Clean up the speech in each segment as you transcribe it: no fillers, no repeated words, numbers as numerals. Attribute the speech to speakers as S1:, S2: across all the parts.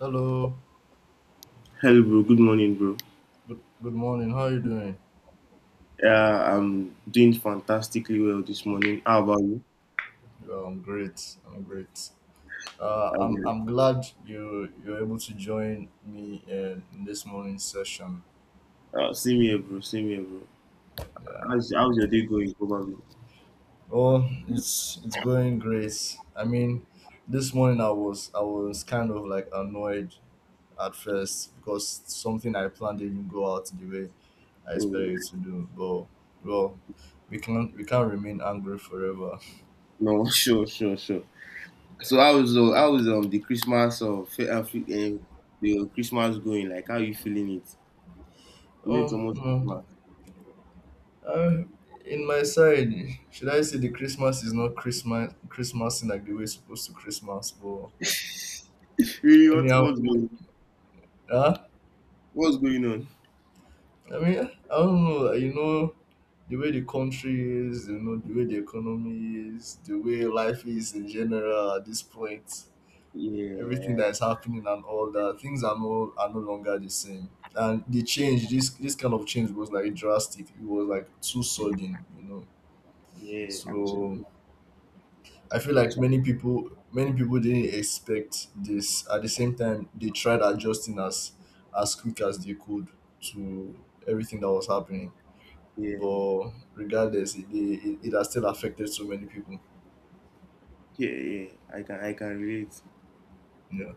S1: Hello.
S2: Hello, bro. Good morning, bro.
S1: Good morning. How are you doing?
S2: Yeah, I'm doing fantastically well this morning. How about you?
S1: Yeah, I'm great. I'm great. Uh, I'm
S2: Okay.
S1: I'm glad you're able to join me in this morning's session.
S2: Same here, bro. Same here, bro.
S1: Yeah.
S2: How's your day going, probably?
S1: Oh, it's going great. I mean, this morning I was kind of like annoyed at first because something I planned didn't go out the way I expected
S2: Oh,
S1: it to do. But well, we can't remain angry forever.
S2: no, sure, sure, sure. So how was the Christmas the Christmas going? Like, how you feeling it? You know, it's
S1: Oh
S2: almost
S1: no.
S2: Christmas.
S1: Uh, in my side, should I say the Christmas is not Christmas Christmas in like the way it's supposed to Christmas, but
S2: Really,
S1: anyhow, huh?
S2: what's going on?
S1: I mean, I don't know. You know the way the country is, you know the way the economy is, the way life is in general at this point. Everything that
S2: Yeah,
S1: is happening and all that things are no longer the same. And the change, this kind of change was like drastic. It was like too sudden,
S2: yeah. Actually,
S1: So I feel like
S2: actually,
S1: many people didn't expect this. At the same time, they tried adjusting as quick as they could to everything that was happening.
S2: yeah,
S1: But regardless, it has still affected so many people.
S2: yeah, yeah. I can relate.
S1: Yeah.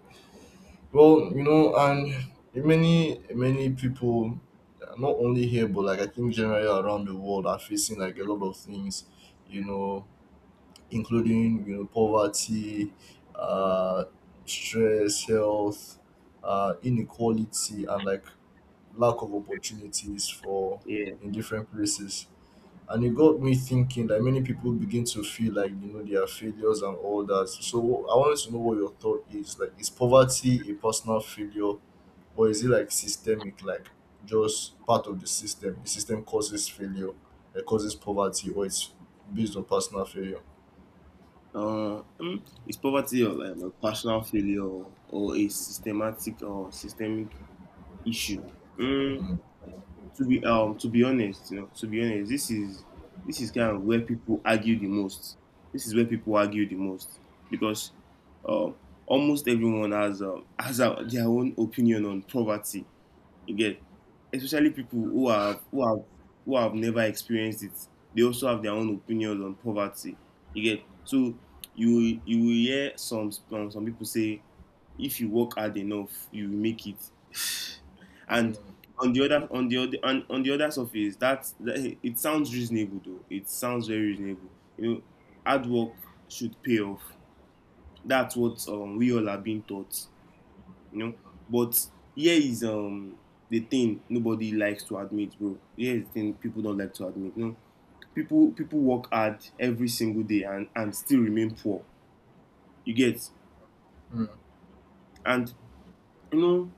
S1: Well, you know, and many people, not only here, but like I think generally around the world, are facing like a lot of things. You know, including poverty, uh, stress, health, inequality, and like lack of opportunities for
S2: Yeah.
S1: in different places. And it got me thinking that many people begin to feel like they are failures and all that. So I wanted to know what your thought is. Like, is poverty a personal failure, or is it like systemic? Like, just part of the system. The system causes failure, it causes poverty, or it's based on personal failure.
S2: Is poverty or like a personal failure, or a systematic or systemic issue? Mm,
S1: Mm.
S2: to be to be honest, this is kind of where people argue the most. This is where people argue the most because um almost everyone has has their own opinion on poverty. You get, especially people who have never experienced it. They also have their own opinions on poverty. You get. So you you will hear some people say, if you work hard enough, you will make it.
S1: Mm.
S2: And on the other on the other on the other surface, that it sounds reasonable though. It sounds very reasonable. You know, hard work should pay off. That's what, we all are being taught you know. But here is the thing nobody likes to admit, bro. Here is the thing people don't like to admit. You know, people work hard every single day, and still remain poor. You get,
S1: Mm,
S2: and you know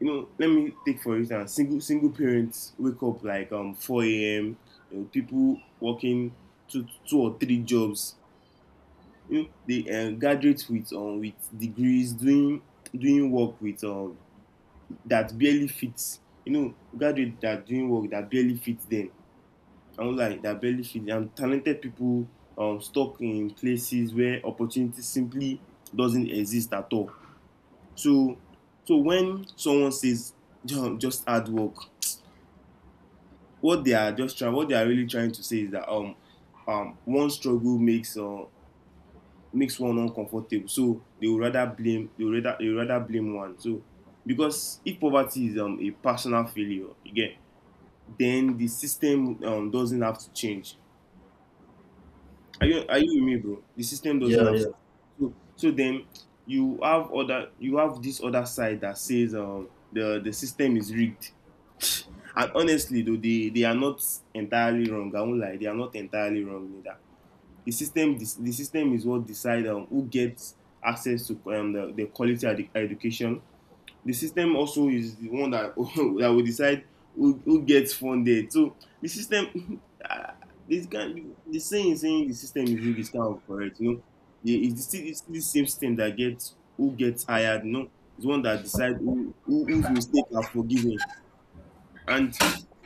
S2: let me take, for instance, single parents wake up like 4 a.m. You know, people working two or three jobs. You know they, graduate with degrees, doing work with that barely fits. You know, graduates that are doing work that barely fits them. I am like that barely fits them. And talented people, stuck in places where opportunity simply doesn't exist at all. So, when someone says just hard work, what they are really trying to say is that, one struggle makes one uncomfortable. So they would rather blame one. So, because if poverty is, a personal failure, again, then the system, doesn't have to change. Are you with me, bro? The system doesn't
S1: yeah,
S2: have
S1: yeah.
S2: to. So, then you have this other side that says, the system is rigged. And honestly, though they are not entirely wrong. I won't lie, they are not entirely wrong neither. The system is what decides, who gets access to, the quality education. The system also is the one that that will decide who gets funded. So the system ah, this kind the saying the system is rigged is kind of correct, you know. The It's the still it's still the same system that gets who gets hired, you know. It's one that decides whose mistake are forgiven, and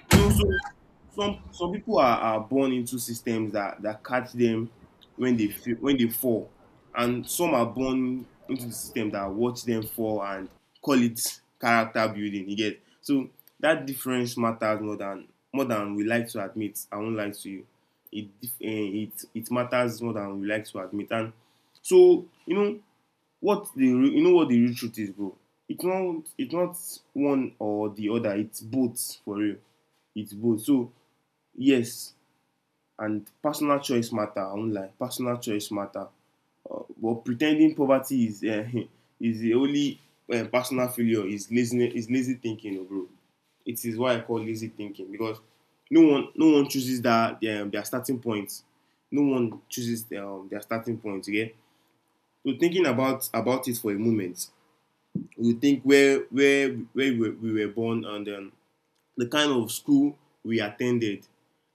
S2: so some people are, born into systems that, catch them when when they fall, and some are born into the system that watch them fall and call it character building. You get, so that difference matters more than we like to admit. I won't lie to you. It dif- eh, it matters more than we like to admit. And so you know what, you know what the real truth is, bro. It's not one or the other. It's both for real. It's both. So, yes, and personal choice matter. I won't lie. Personal choice matter. But pretending poverty is, is the only, personal failure is lazy, is lazy thinking, oh, bro. It is why I call lazy thinking, because no one chooses their starting point. No one chooses, their starting point. Okay, so thinking about it for a moment, we think where we were born, and the kind of school we attended,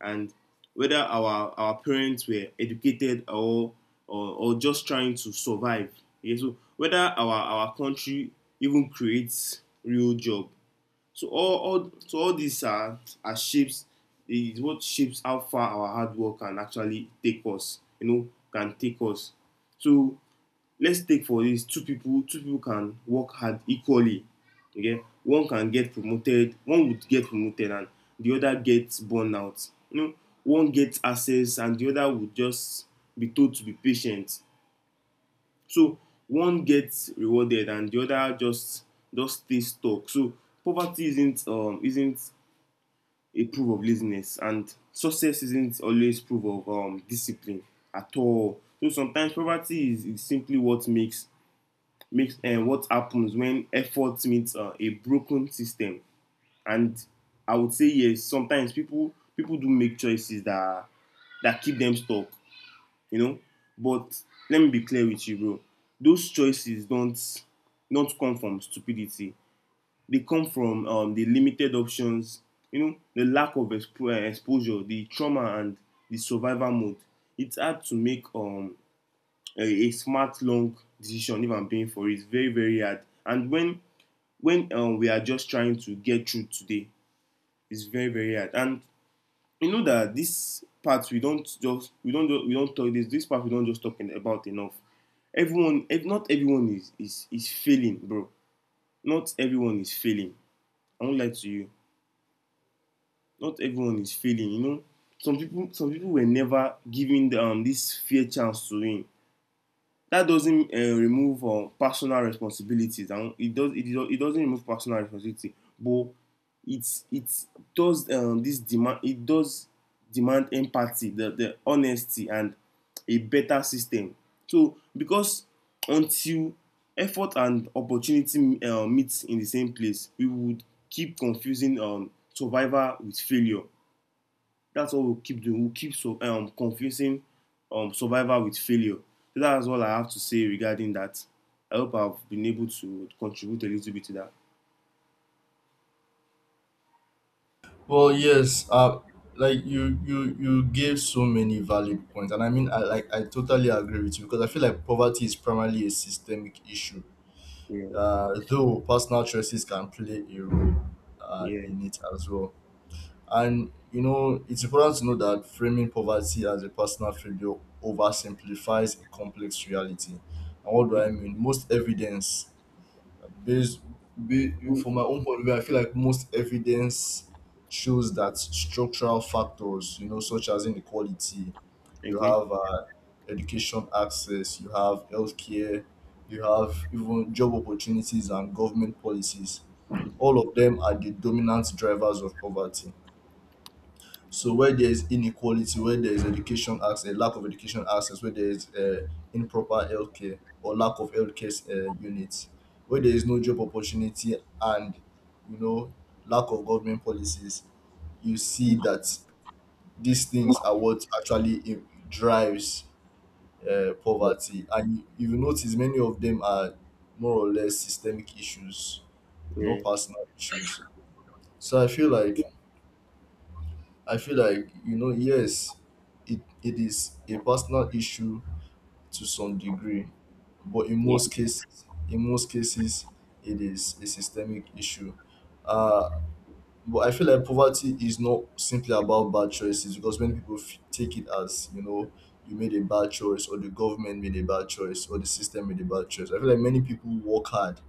S2: and whether our parents were educated or just trying to survive. Yeah, so whether our country even creates real job. So all so all these are shapes is what shapes how far our hard work can actually take us, you know, can take us. So let's take, for this, two people can work hard equally. Okay, one would get promoted, and the other gets burn out, you know. One gets access, and the other would just be told to be patient. So one gets rewarded, and the other just stays stuck. So poverty isn't a proof of laziness, and success isn't always proof of discipline at all. So sometimes poverty is simply what makes makes and what happens when effort meets, a broken system. And I would say, yes, sometimes people do make choices that keep them stuck, you know. But let me be clear with you, bro. Those choices don't come from stupidity. They come from, the limited options, you know, the lack of exposure, the trauma, and the survival mode. It's hard to make, a smart, long decision if I'm paying for it. It's very, very hard. And when we are just trying to get through today, it's very, very hard. And you know, that this part we don't just we don't talk this this part we don't just talk about enough. Everyone Not everyone is failing, bro. Not everyone is failing. I won't lie to you. Not everyone is failing, you know. Some people were never given this fair chance to win. That doesn't, remove, personal responsibilities, and it doesn't remove personal responsibility, but it does, demand empathy, the honesty, and a better system. So, because until effort and opportunity, meet in the same place, we would keep confusing, survival with failure. That's what will keep doing. Will keep confusing, survival with failure. So that's all I have to say regarding that. I hope I've been able to contribute a little bit to that.
S1: Well, yes. Like you gave so many valid points, and I I totally agree with you because I feel like poverty is primarily a systemic issue.
S2: Yeah,
S1: Though personal choices can play a role,
S2: yeah,
S1: in it as well. And you know, it's important to know that framing poverty as a personal failure oversimplifies a complex reality. And what do
S2: okay,
S1: I mean? Most evidence There's be from my own point of view, I feel like most evidence shows that structural factors, you know, such as inequality, you
S2: okay,
S1: have education access, you have healthcare, you have even job opportunities and government policies. All of them are the dominant drivers of poverty. So where there is inequality, where there is education access, lack of education access, where there is improper healthcare or lack of healthcare units, where there is no job opportunity and you know lack of government policies, you see that these things are what drives poverty. And you will notice many of them are more or less systemic issues,
S2: yeah,
S1: not personal issues. So I feel like, you know, yes, it is a personal issue to some degree, but
S2: yeah,
S1: in most cases, it is a systemic issue. Uh, but I feel like poverty is not simply about bad choices because take it as, you know, you made a bad choice or the government made a bad choice or the system made a bad choice. I feel like many people work hard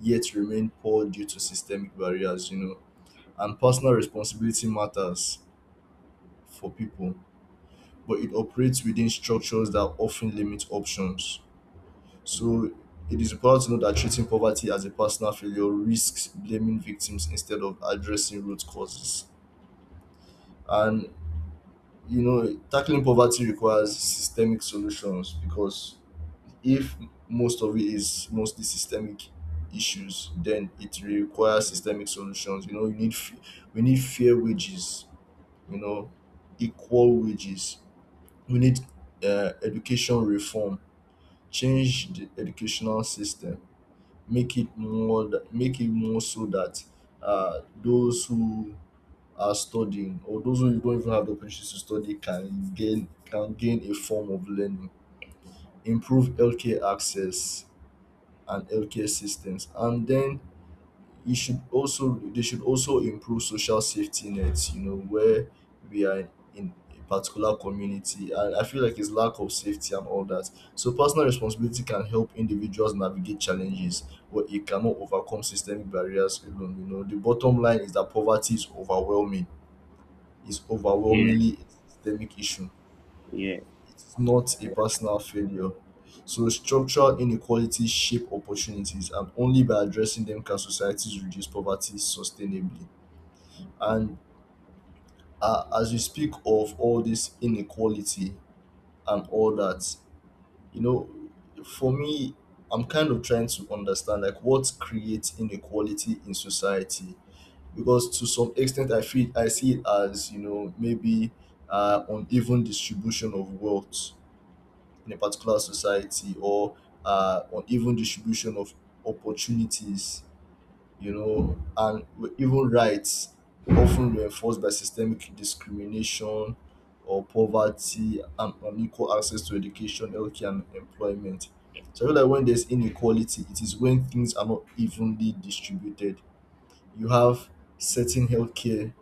S1: yet remain poor due to systemic barriers, you know, and personal responsibility matters for people but it operates within structures that often limit options. So it is important to note that treating poverty as a personal failure risks blaming victims instead of addressing root causes. And you know, tackling poverty requires systemic solutions because if mostly systemic issues, then it requires systemic solutions. You know, we need fair wages. You know, equal wages. We need education reform, change the educational system, make it more so that those who are studying or those who don't even have the opportunity to study can gain a form of learning, improve healthcare access and healthcare systems, and then you should also they should also improve social safety nets. You know, where we are in a particular community, and I feel like it's lack of safety and all that. So personal responsibility can help individuals navigate challenges but it cannot overcome systemic barriers alone. You know, the bottom line is that poverty is overwhelming It's
S2: yeah.
S1: overwhelmingly a systemic issue,
S2: Yeah.
S1: it's not a personal failure. So structural inequalities shape opportunities, and only by addressing them can societies reduce poverty sustainably. And as you speak of all this inequality and all that, you know, for me, I'm kind of trying to understand like what creates inequality in society. Because to some extent, I feel I see it as you know maybe uneven distribution of wealth in a particular society or on even distribution of opportunities, you know, and even rights often reinforced by systemic discrimination or poverty and unequal access to education, healthcare, and employment. So I feel like when there's inequality, it is when things are not evenly distributed. You have certain healthcare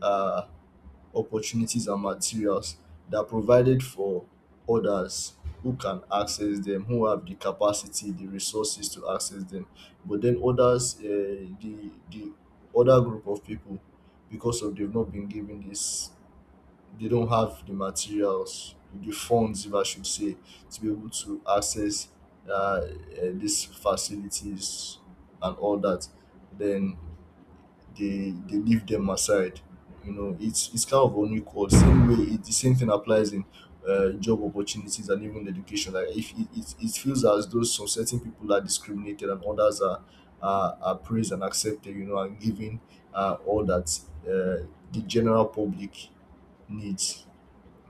S1: uh, opportunities and materials that provided for others who can access them, who have the capacity the resources to access them, but then others the other group of people, because of they've not been given this, they don't have the materials, the funds if I should say, to be able to access uh, uh, these facilities and all that, then they leave them aside. You know, it's kind of unequal. Same way, it, the same thing applies in job opportunities and even education. Like if it, it, it feels as though some certain people are discriminated and others are praised and accepted. You know, and given all that uh, the general public needs.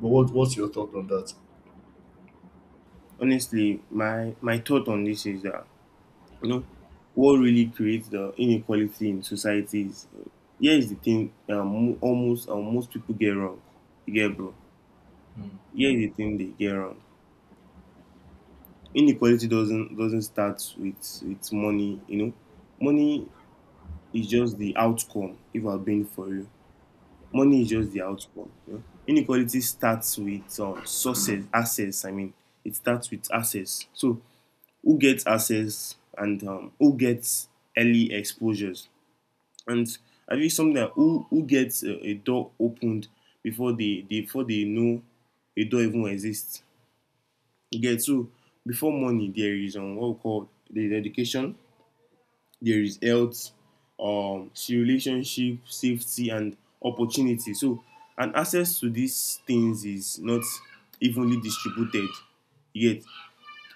S1: But what's your thought on that?
S2: Honestly, my thought on this is that, you know, what really creates the inequality in society is, here is the thing, mo- almost most people get wrong. You get, bro. Here is the thing they get wrong. Inequality doesn't start with money, you know. Money is just the outcome, if I'm being for you, money is just the outcome. You know, inequality starts with, sources, access, I mean, it starts with access. So who gets access, and, who gets early exposures, and I think something that, who gets a door opened before they before they know a door even exists. You get. So before money there is, what we call the education. There is health, relationship, safety, and opportunity. So, and access to these things is not evenly distributed yet.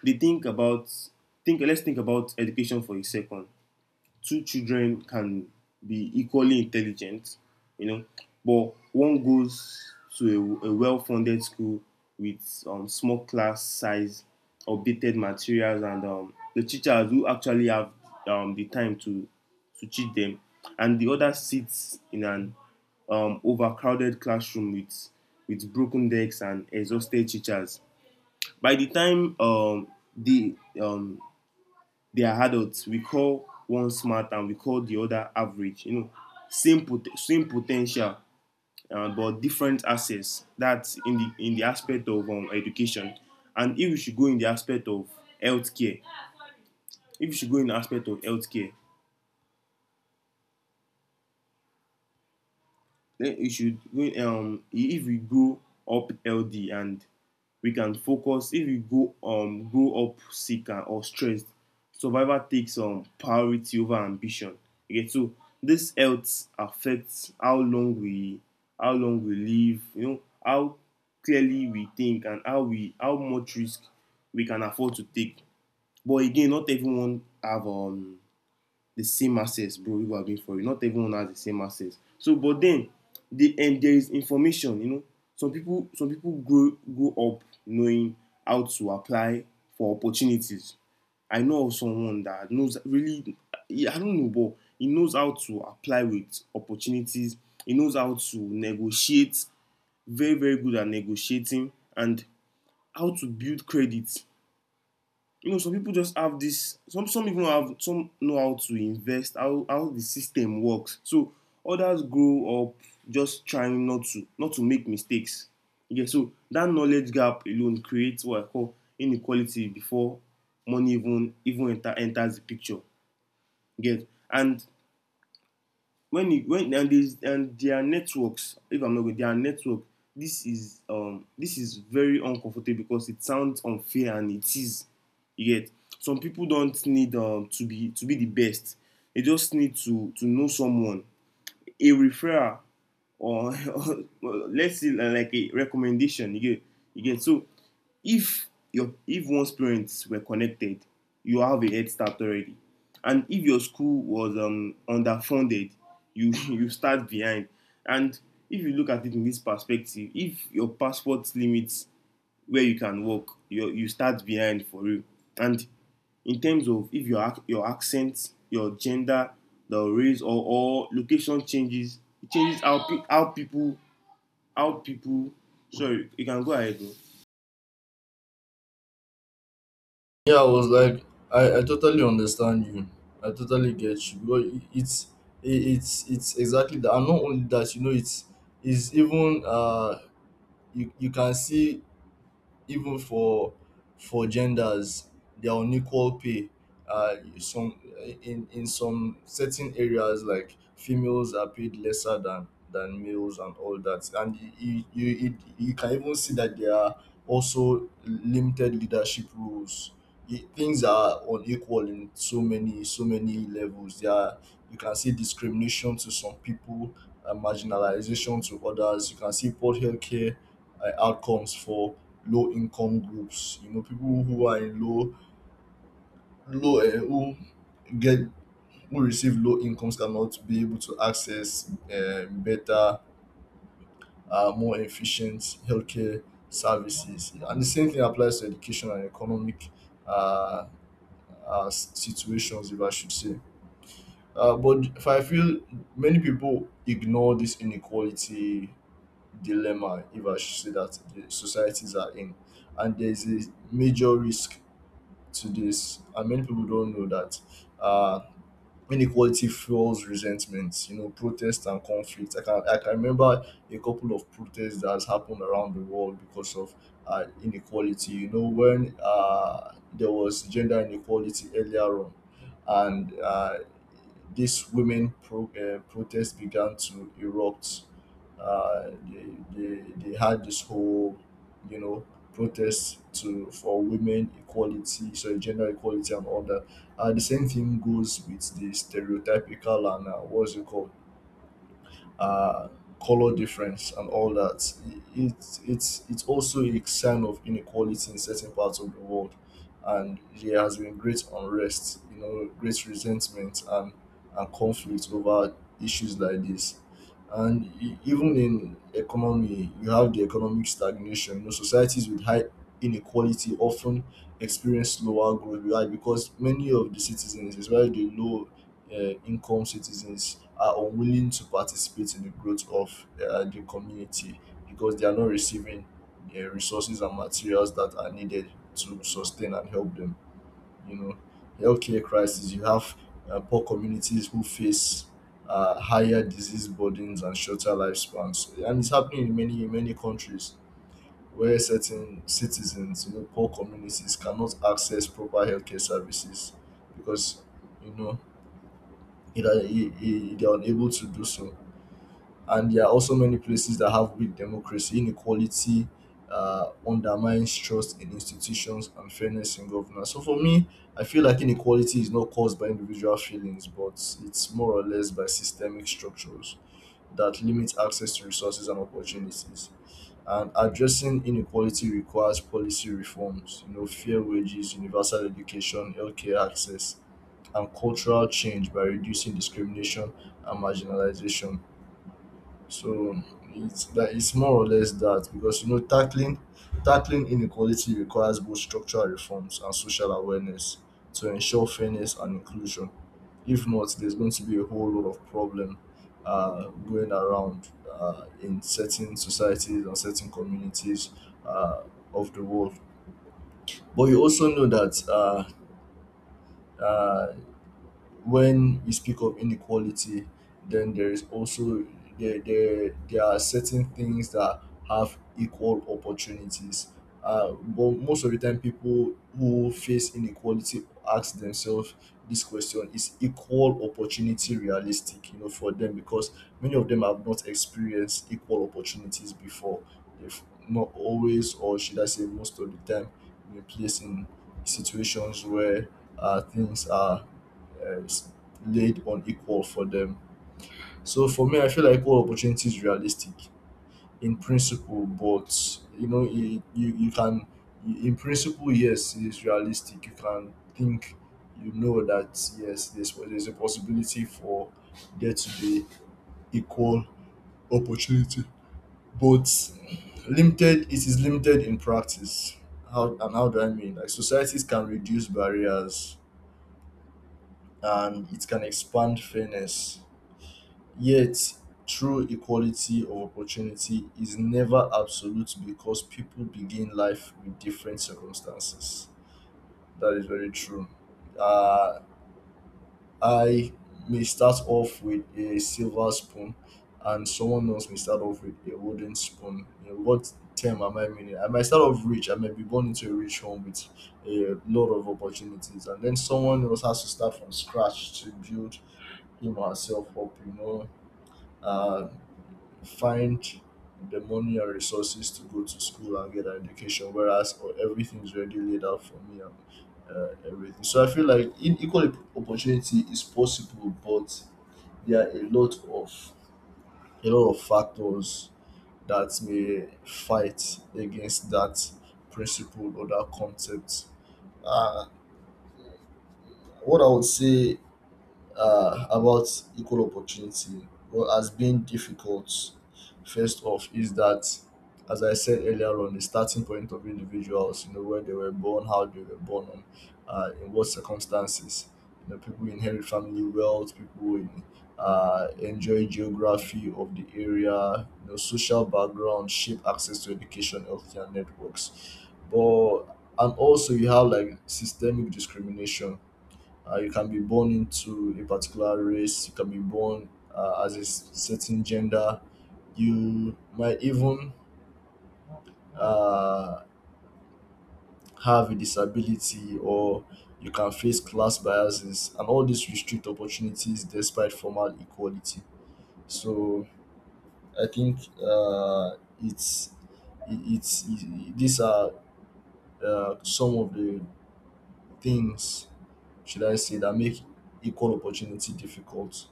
S2: They think about think. Let's think about education for a second. Two children can be equally intelligent, you know, but one goes to a well-funded school with, small class size, updated materials, and, the teachers who actually have, the time to teach them, and the other sits in an, overcrowded classroom with broken desks and exhausted teachers. By the time, the um, they are adults, we call one smart and we call the other average, you know. Same potential, but different access. That's in the, aspect of, education. And if you should go in the aspect of healthcare. If you should go in the aspect of healthcare, then you should if we grow up healthy, and we can focus. If we go grow up sick or stressed, survival takes, priority over ambition. Okay, so this health affects how long we live, you know, how clearly we think, and how much risk we can afford to take. But again, not everyone have, the same access, bro. You are being for it. Not everyone has the same access. So, but then, the and there is information. You know, some people grow up knowing how to apply for opportunities. I know of someone that knows really. Yeah, I don't know, but he knows how to apply with opportunities. He knows how to negotiate. Very, very good at negotiating and how to build credit, you know, some people just have this. Some even have some, know how to invest, how the system works. So others grow up just trying not to make mistakes. Yeah, so that knowledge gap alone creates what I call inequality before money even enters the picture. Get. And when and there's and their networks, if I'm not wrong, their network, this is very uncomfortable because it sounds unfair, and it is. You get. Some people don't need, to be the best, they just need to know someone, a referral, or, or let's see, like a recommendation. You get. You get. So if your, if one's parents were connected, you have a head start already. And if your school was underfunded, you you start behind. And if you look at it in this perspective, if your passport limits where you can work, you start behind for real. And in terms of, if your, your accent, your gender, the race, or location changes, it changes how people, how people. Sorry, you can go ahead, bro.
S1: Yeah, I was like, I totally understand you. I totally get you. Because it's exactly that. And not only that, you know, it's even you you can see even for genders there are unequal pay some in some certain areas like females are paid lesser than males and all that, and you can even see that there are also limited leadership roles. Things are unequal in so many levels. There are, you can see discrimination to some people, marginalization to others. You can see poor healthcare outcomes for low income groups. You know, people who are in low, who get, who receive low incomes cannot be able to access better, more efficient healthcare services. And the same thing applies to education and economic uh, situations, if I should say. But if I feel many people ignore this inequality dilemma, if I should say that the societies are in, and there is a major risk to this, and many people don't know that uh, inequality fuels resentment. You know, protest and conflict. I can remember a couple of protests that has happened around the world because of inequality. You know, when there was gender inequality earlier on, and protests began to erupt. Uh, they had this whole, you know, protest to for women equality, so gender equality and all that. The same thing goes with the stereotypical and what's it called? Uh, color difference and all that. It's also a sign of inequality in certain parts of the world, and there has been great unrest, you know, great resentment and conflict over issues like this. And even in economy, you have the economic stagnation. You know, societies with high inequality often experience slower growth. Why? Because many of the citizens, especially the low income citizens, are unwilling to participate in the growth of the community because they are not receiving the resources and materials that are needed to sustain and help them. You know, healthcare crisis. You have poor communities who face higher disease burdens and shorter lifespans, and it's happening in many countries where certain citizens, you know, poor communities cannot access proper healthcare services because you know they are unable to do so. And there are also many places that have weak democracy. Inequality undermines trust in institutions and fairness in governance. So for me, I feel like inequality is not caused by individual feelings, but it's more or less by systemic structures that limit access to resources and opportunities. And addressing inequality requires policy reforms, you know, fair wages, universal education, healthcare access, and cultural change by reducing discrimination and marginalization. So it's more or less that because tackling inequality requires both structural reforms and social awareness to ensure fairness and inclusion. If not, there's going to be a whole lot of problem going around in certain societies and certain communities uh, of the world. But you also know that uh, when you speak of inequality, then there is also there are certain things that have equal opportunities. But most of the time, people who face inequality ask themselves this question: is equal opportunity realistic? You know, for them, because many of them have not experienced equal opportunities before. They've not always, or should I say, most of the time, been placed in situations where things are is laid on equal for them. So for me, I feel like equal opportunity is realistic in principle, but you know, it you, you can in principle, yes, it is realistic. You can think, you know, that yes, there's a possibility for there to be equal opportunity, but limited. It is limited in practice. How, and how do I mean? Like, societies can reduce barriers and it can expand fairness. Yet true equality of opportunity is never absolute because people begin life with different circumstances. That is very true. Uh, I may start off with a silver spoon, and someone else may start off with a wooden spoon. You know what term am I meaning? I might start off rich. I may be born into a rich home with a lot of opportunities, and then someone else has to start from scratch to build him or herself up. Uh, Find the money and resources to go to school and get an education, whereas oh, everything's already laid out for me and everything. So I feel like in equal opportunity is possible, but there are a lot of factors that may fight against that principle or that concept. Uh, what I would say about equal opportunity, well, has been difficult. First off is that, as I said earlier on, the starting point of individuals, you know, where they were born, how they were born, and in what circumstances. You know, people inherit family wealth, people enjoy geography of the area. You know, social background shape access to education, healthcare, networks. But and also you have like systemic discrimination. You can be born into a particular race, you can be born as a certain gender, you might even uh, have a disability, or you can face class biases, and all these restrict opportunities despite formal equality. So I think it's these are some of the things, should I say, that make equal opportunity difficult.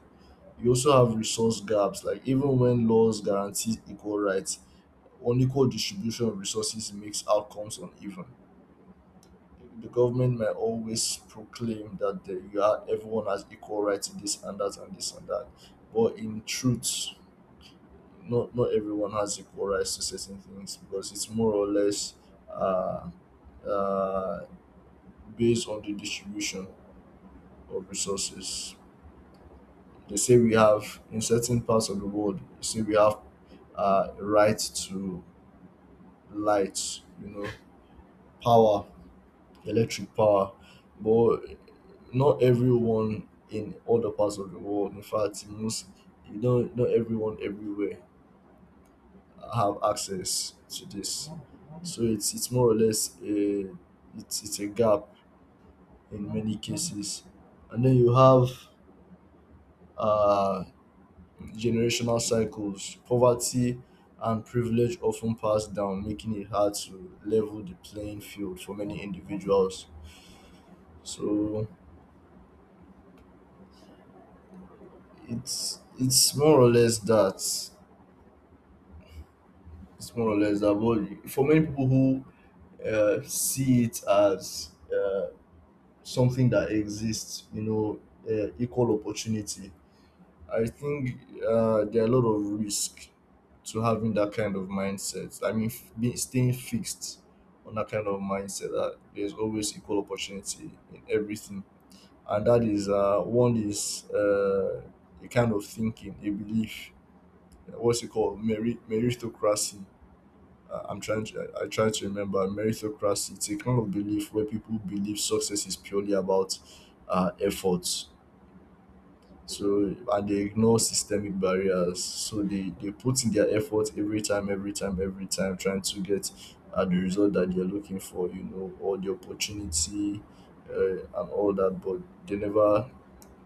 S1: You also have resource gaps. Like, even when laws guarantee equal rights, unequal distribution of resources makes outcomes uneven. The government might always proclaim that the, you are, everyone has equal rights in this and that and this and that, but in truth, not everyone has equal rights to certain things, because it's more or less uh, uh, based on the distribution of resources. They say we have, in certain parts of the world, they say we have right to light, you know, power, electric power. But not everyone in other parts of the world, in fact, in most, you know, not everyone everywhere have access to this. So it's more or less a, it's a gap in many cases. And then you have uh generational cycles. Poverty and privilege often pass down, making it hard to level the playing field for many individuals. So it's more or less that. It's more or less that. But for many people who see it as something that exists, you know, equal opportunity, I think there are a lot of risk to having that kind of mindset. I mean, being, staying fixed on that kind of mindset that there's always equal opportunity in everything, and that is one is a kind of thinking, a belief. What's it called? Meritocracy. I'm trying to, I try to remember meritocracy. It's a kind of belief where people believe success is purely about efforts, so, and they ignore systemic barriers. So they put in their effort every time, every time, every time, trying to get the result that they're looking for, you know, or the opportunity and all that. But they never,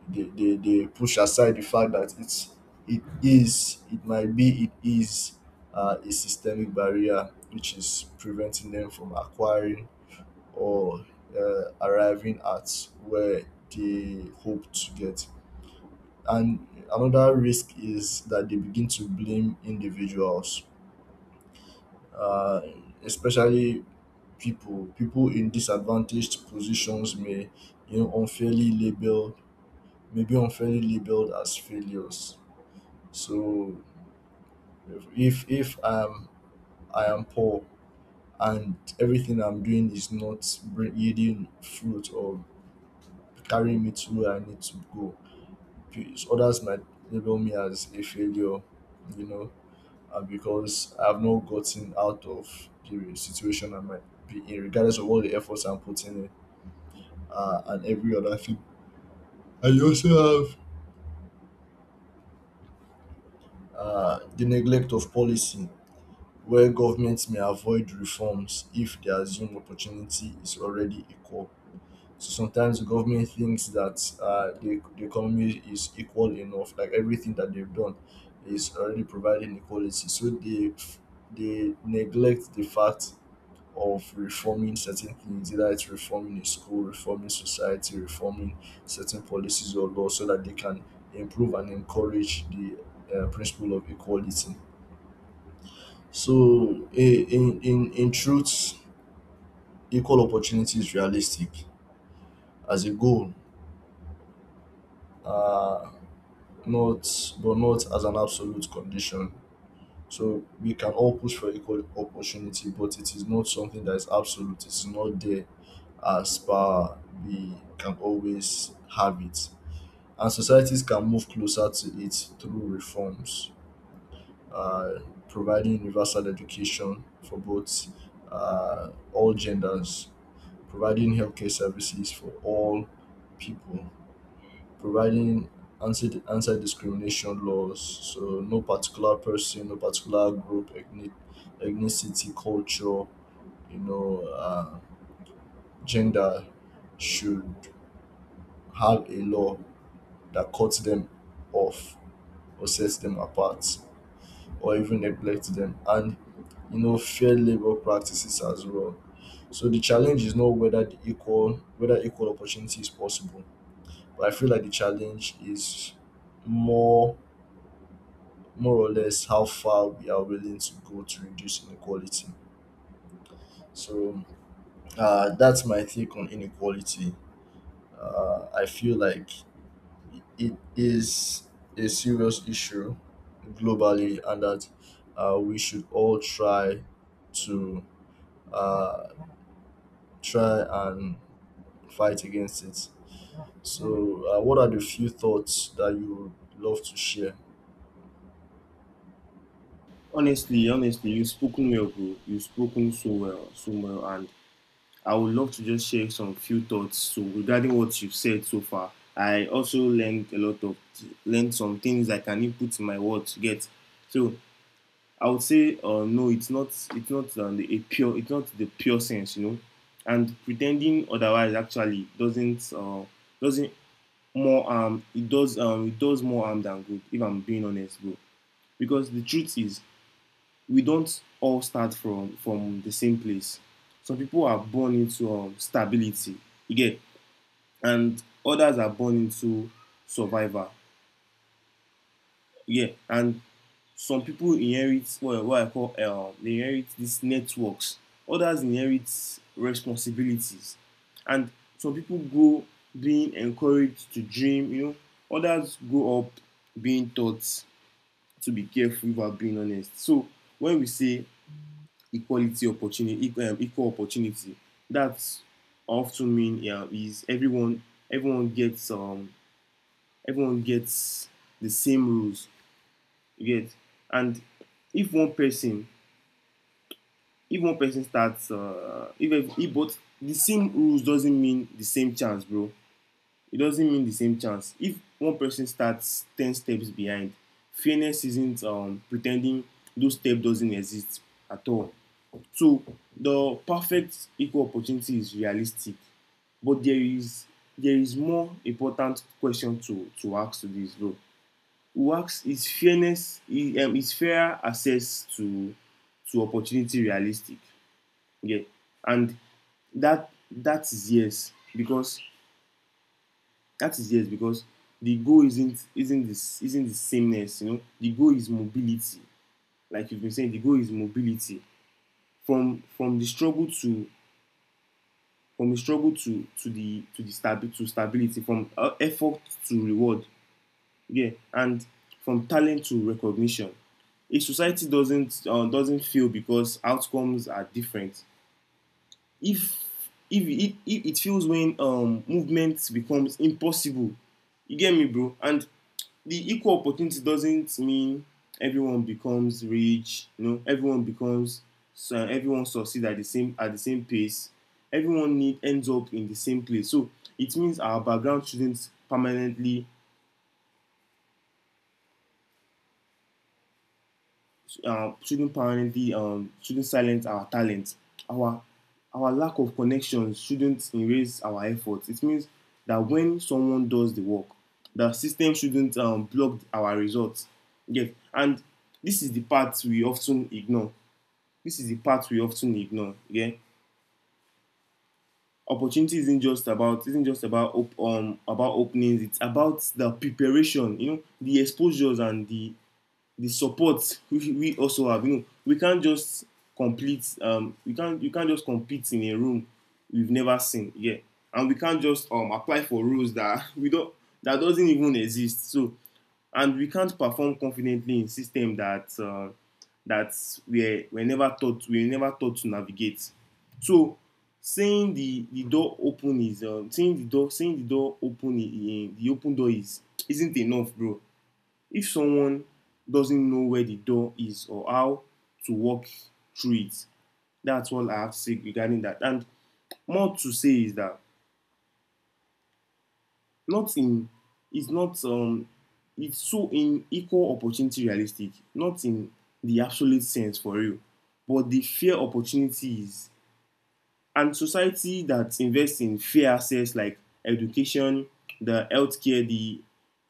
S1: they push aside the fact that it's it is it might be it is a systemic barrier which is preventing them from acquiring or arriving at where they hope to get. And another risk is that they begin to blame individuals, uh, especially people. People in disadvantaged positions may, you know, unfairly labelled, maybe unfairly labeled as failures. So if I am poor and everything I'm doing is not yielding fruit or carrying me to where I need to go, others might label me as a failure, you know, because I've not gotten out of the situation I might be in, regardless of all the efforts I'm putting in and every other thing. I also have the neglect of policy, where governments may avoid reforms if they assume opportunity is already equal. So sometimes the government thinks that the economy is equal enough, like everything that they've done is already providing equality. So they neglect the fact of reforming certain things, either it's reforming a school, reforming society, reforming certain policies or laws, so that they can improve and encourage the principle of equality. So, in truth, equal opportunity is realistic as a goal, uh, not but not as an absolute condition. So we can all push for equal opportunity, but it is not something that is absolute. It is not there, as power we can always have it. And societies can move closer to it through reforms: uh, providing universal education for both all genders, providing healthcare services for all people, providing anti discrimination laws, so no particular person, no particular group, ethnic, ethnicity, culture, you know, uh, gender, should have a law that cuts them off, or sets them apart, or even neglects them, and you know, fair labor practices as well. So the challenge is not whether the equal whether equal opportunity is possible, but I feel like the challenge is more more or less how far we are willing to go to reduce inequality. So, that's my take on inequality. I feel like it is a serious issue globally, and that we should all try to uh, try and fight against it. So, what are the few thoughts that you would love to share?
S2: Honestly, honestly, you've spoken well, bro. You've spoken so well, so well, and I would love to just share some few thoughts so regarding what you've said so far. I also learned a lot of, learned some things I can input in my words. Get. So I would say, no, it's not. It's not, a pure, it's not the pure sense, you know. And pretending otherwise actually doesn't more it does more harm than good, if I'm being honest, bro. Because the truth is, we don't all start from the same place. Some people are born into, stability, you get, and others are born into survival, yeah. And some people inherit what I call, they inherit these networks. Others inherit responsibilities, and some people grow being encouraged to dream. You know, others grow up being taught to be careful about being honest. So when we say equality opportunity, equal opportunity, that's often mean, yeah, is everyone, everyone gets um everyone gets the same rules. You get. And if one person if one person starts, if both the same rules doesn't mean the same chance, bro. It doesn't mean the same chance. If one person starts ten steps behind, fairness isn't, pretending those steps doesn't exist at all. So the perfect equal opportunity is realistic, but there is, there is more important question to ask to this, bro. Who asks is fairness is fair access to opportunity realistic? Yeah. And that is yes, because that is yes because the goal isn't this isn't the sameness, you know. The goal is mobility. Like you've been saying, the goal is mobility. From the struggle to, to the stabi- to stability, from effort to reward, yeah, and from talent to recognition. A society doesn't fail because outcomes are different. if if it feels when, movement becomes impossible, you get me, bro. And the equal opportunity doesn't mean everyone becomes rich, you know, everyone becomes so everyone succeed at the same pace, everyone need ends up in the same place. So it means our background shouldn't permanently, shouldn't silence our talent. Our our lack of connections shouldn't erase our efforts. It means that when someone does the work, the system shouldn't, block our results. Yes. And this is the part we often ignore. This is the part we often ignore. Yeah, opportunity isn't just about, about openings. It's about the preparation. You know, the exposures and the support we also have. You know, we can't just complete. We can't You can't just compete in a room we've never seen. Yeah, and we can't just, apply for rules that we don't that doesn't even exist. So, and we can't perform confidently in system that, that we we never taught to navigate. So, seeing the door open is, seeing the door open in the open door is, isn't enough, bro. If someone doesn't know where the door is or how to walk through it, that's all I have to say regarding that. And more to say is that, not in it's not it's so in equal opportunity realistic, not in the absolute sense for real, but the fair opportunities and society that invests in fair access like education, the healthcare, the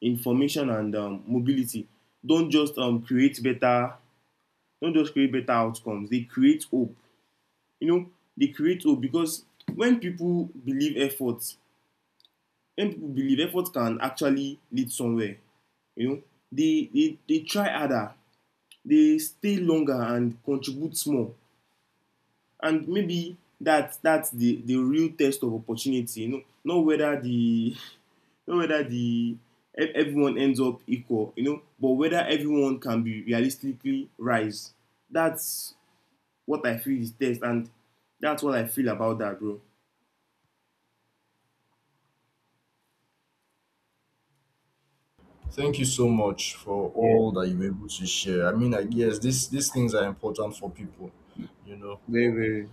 S2: information, and mobility don't just um, create better don't just create better outcomes. They create hope, you know. They create hope because when people believe effort can actually lead somewhere, you know, they try harder, they stay longer, and contribute more. And maybe that's the real test of opportunity, you know. Not whether the, not whether the, everyone ends up equal, you know, but whether everyone can be realistically rise. That's what I feel is text, and that's what I feel about that, bro.
S1: Thank you so much for
S2: Yeah,
S1: all that you were able to share. I mean, I guess these things are important for people, you know.
S2: very, very,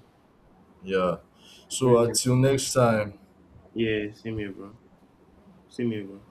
S1: Yeah. So
S2: very, very.
S1: until next time.
S2: Yeah, same here, bro. Same here, bro.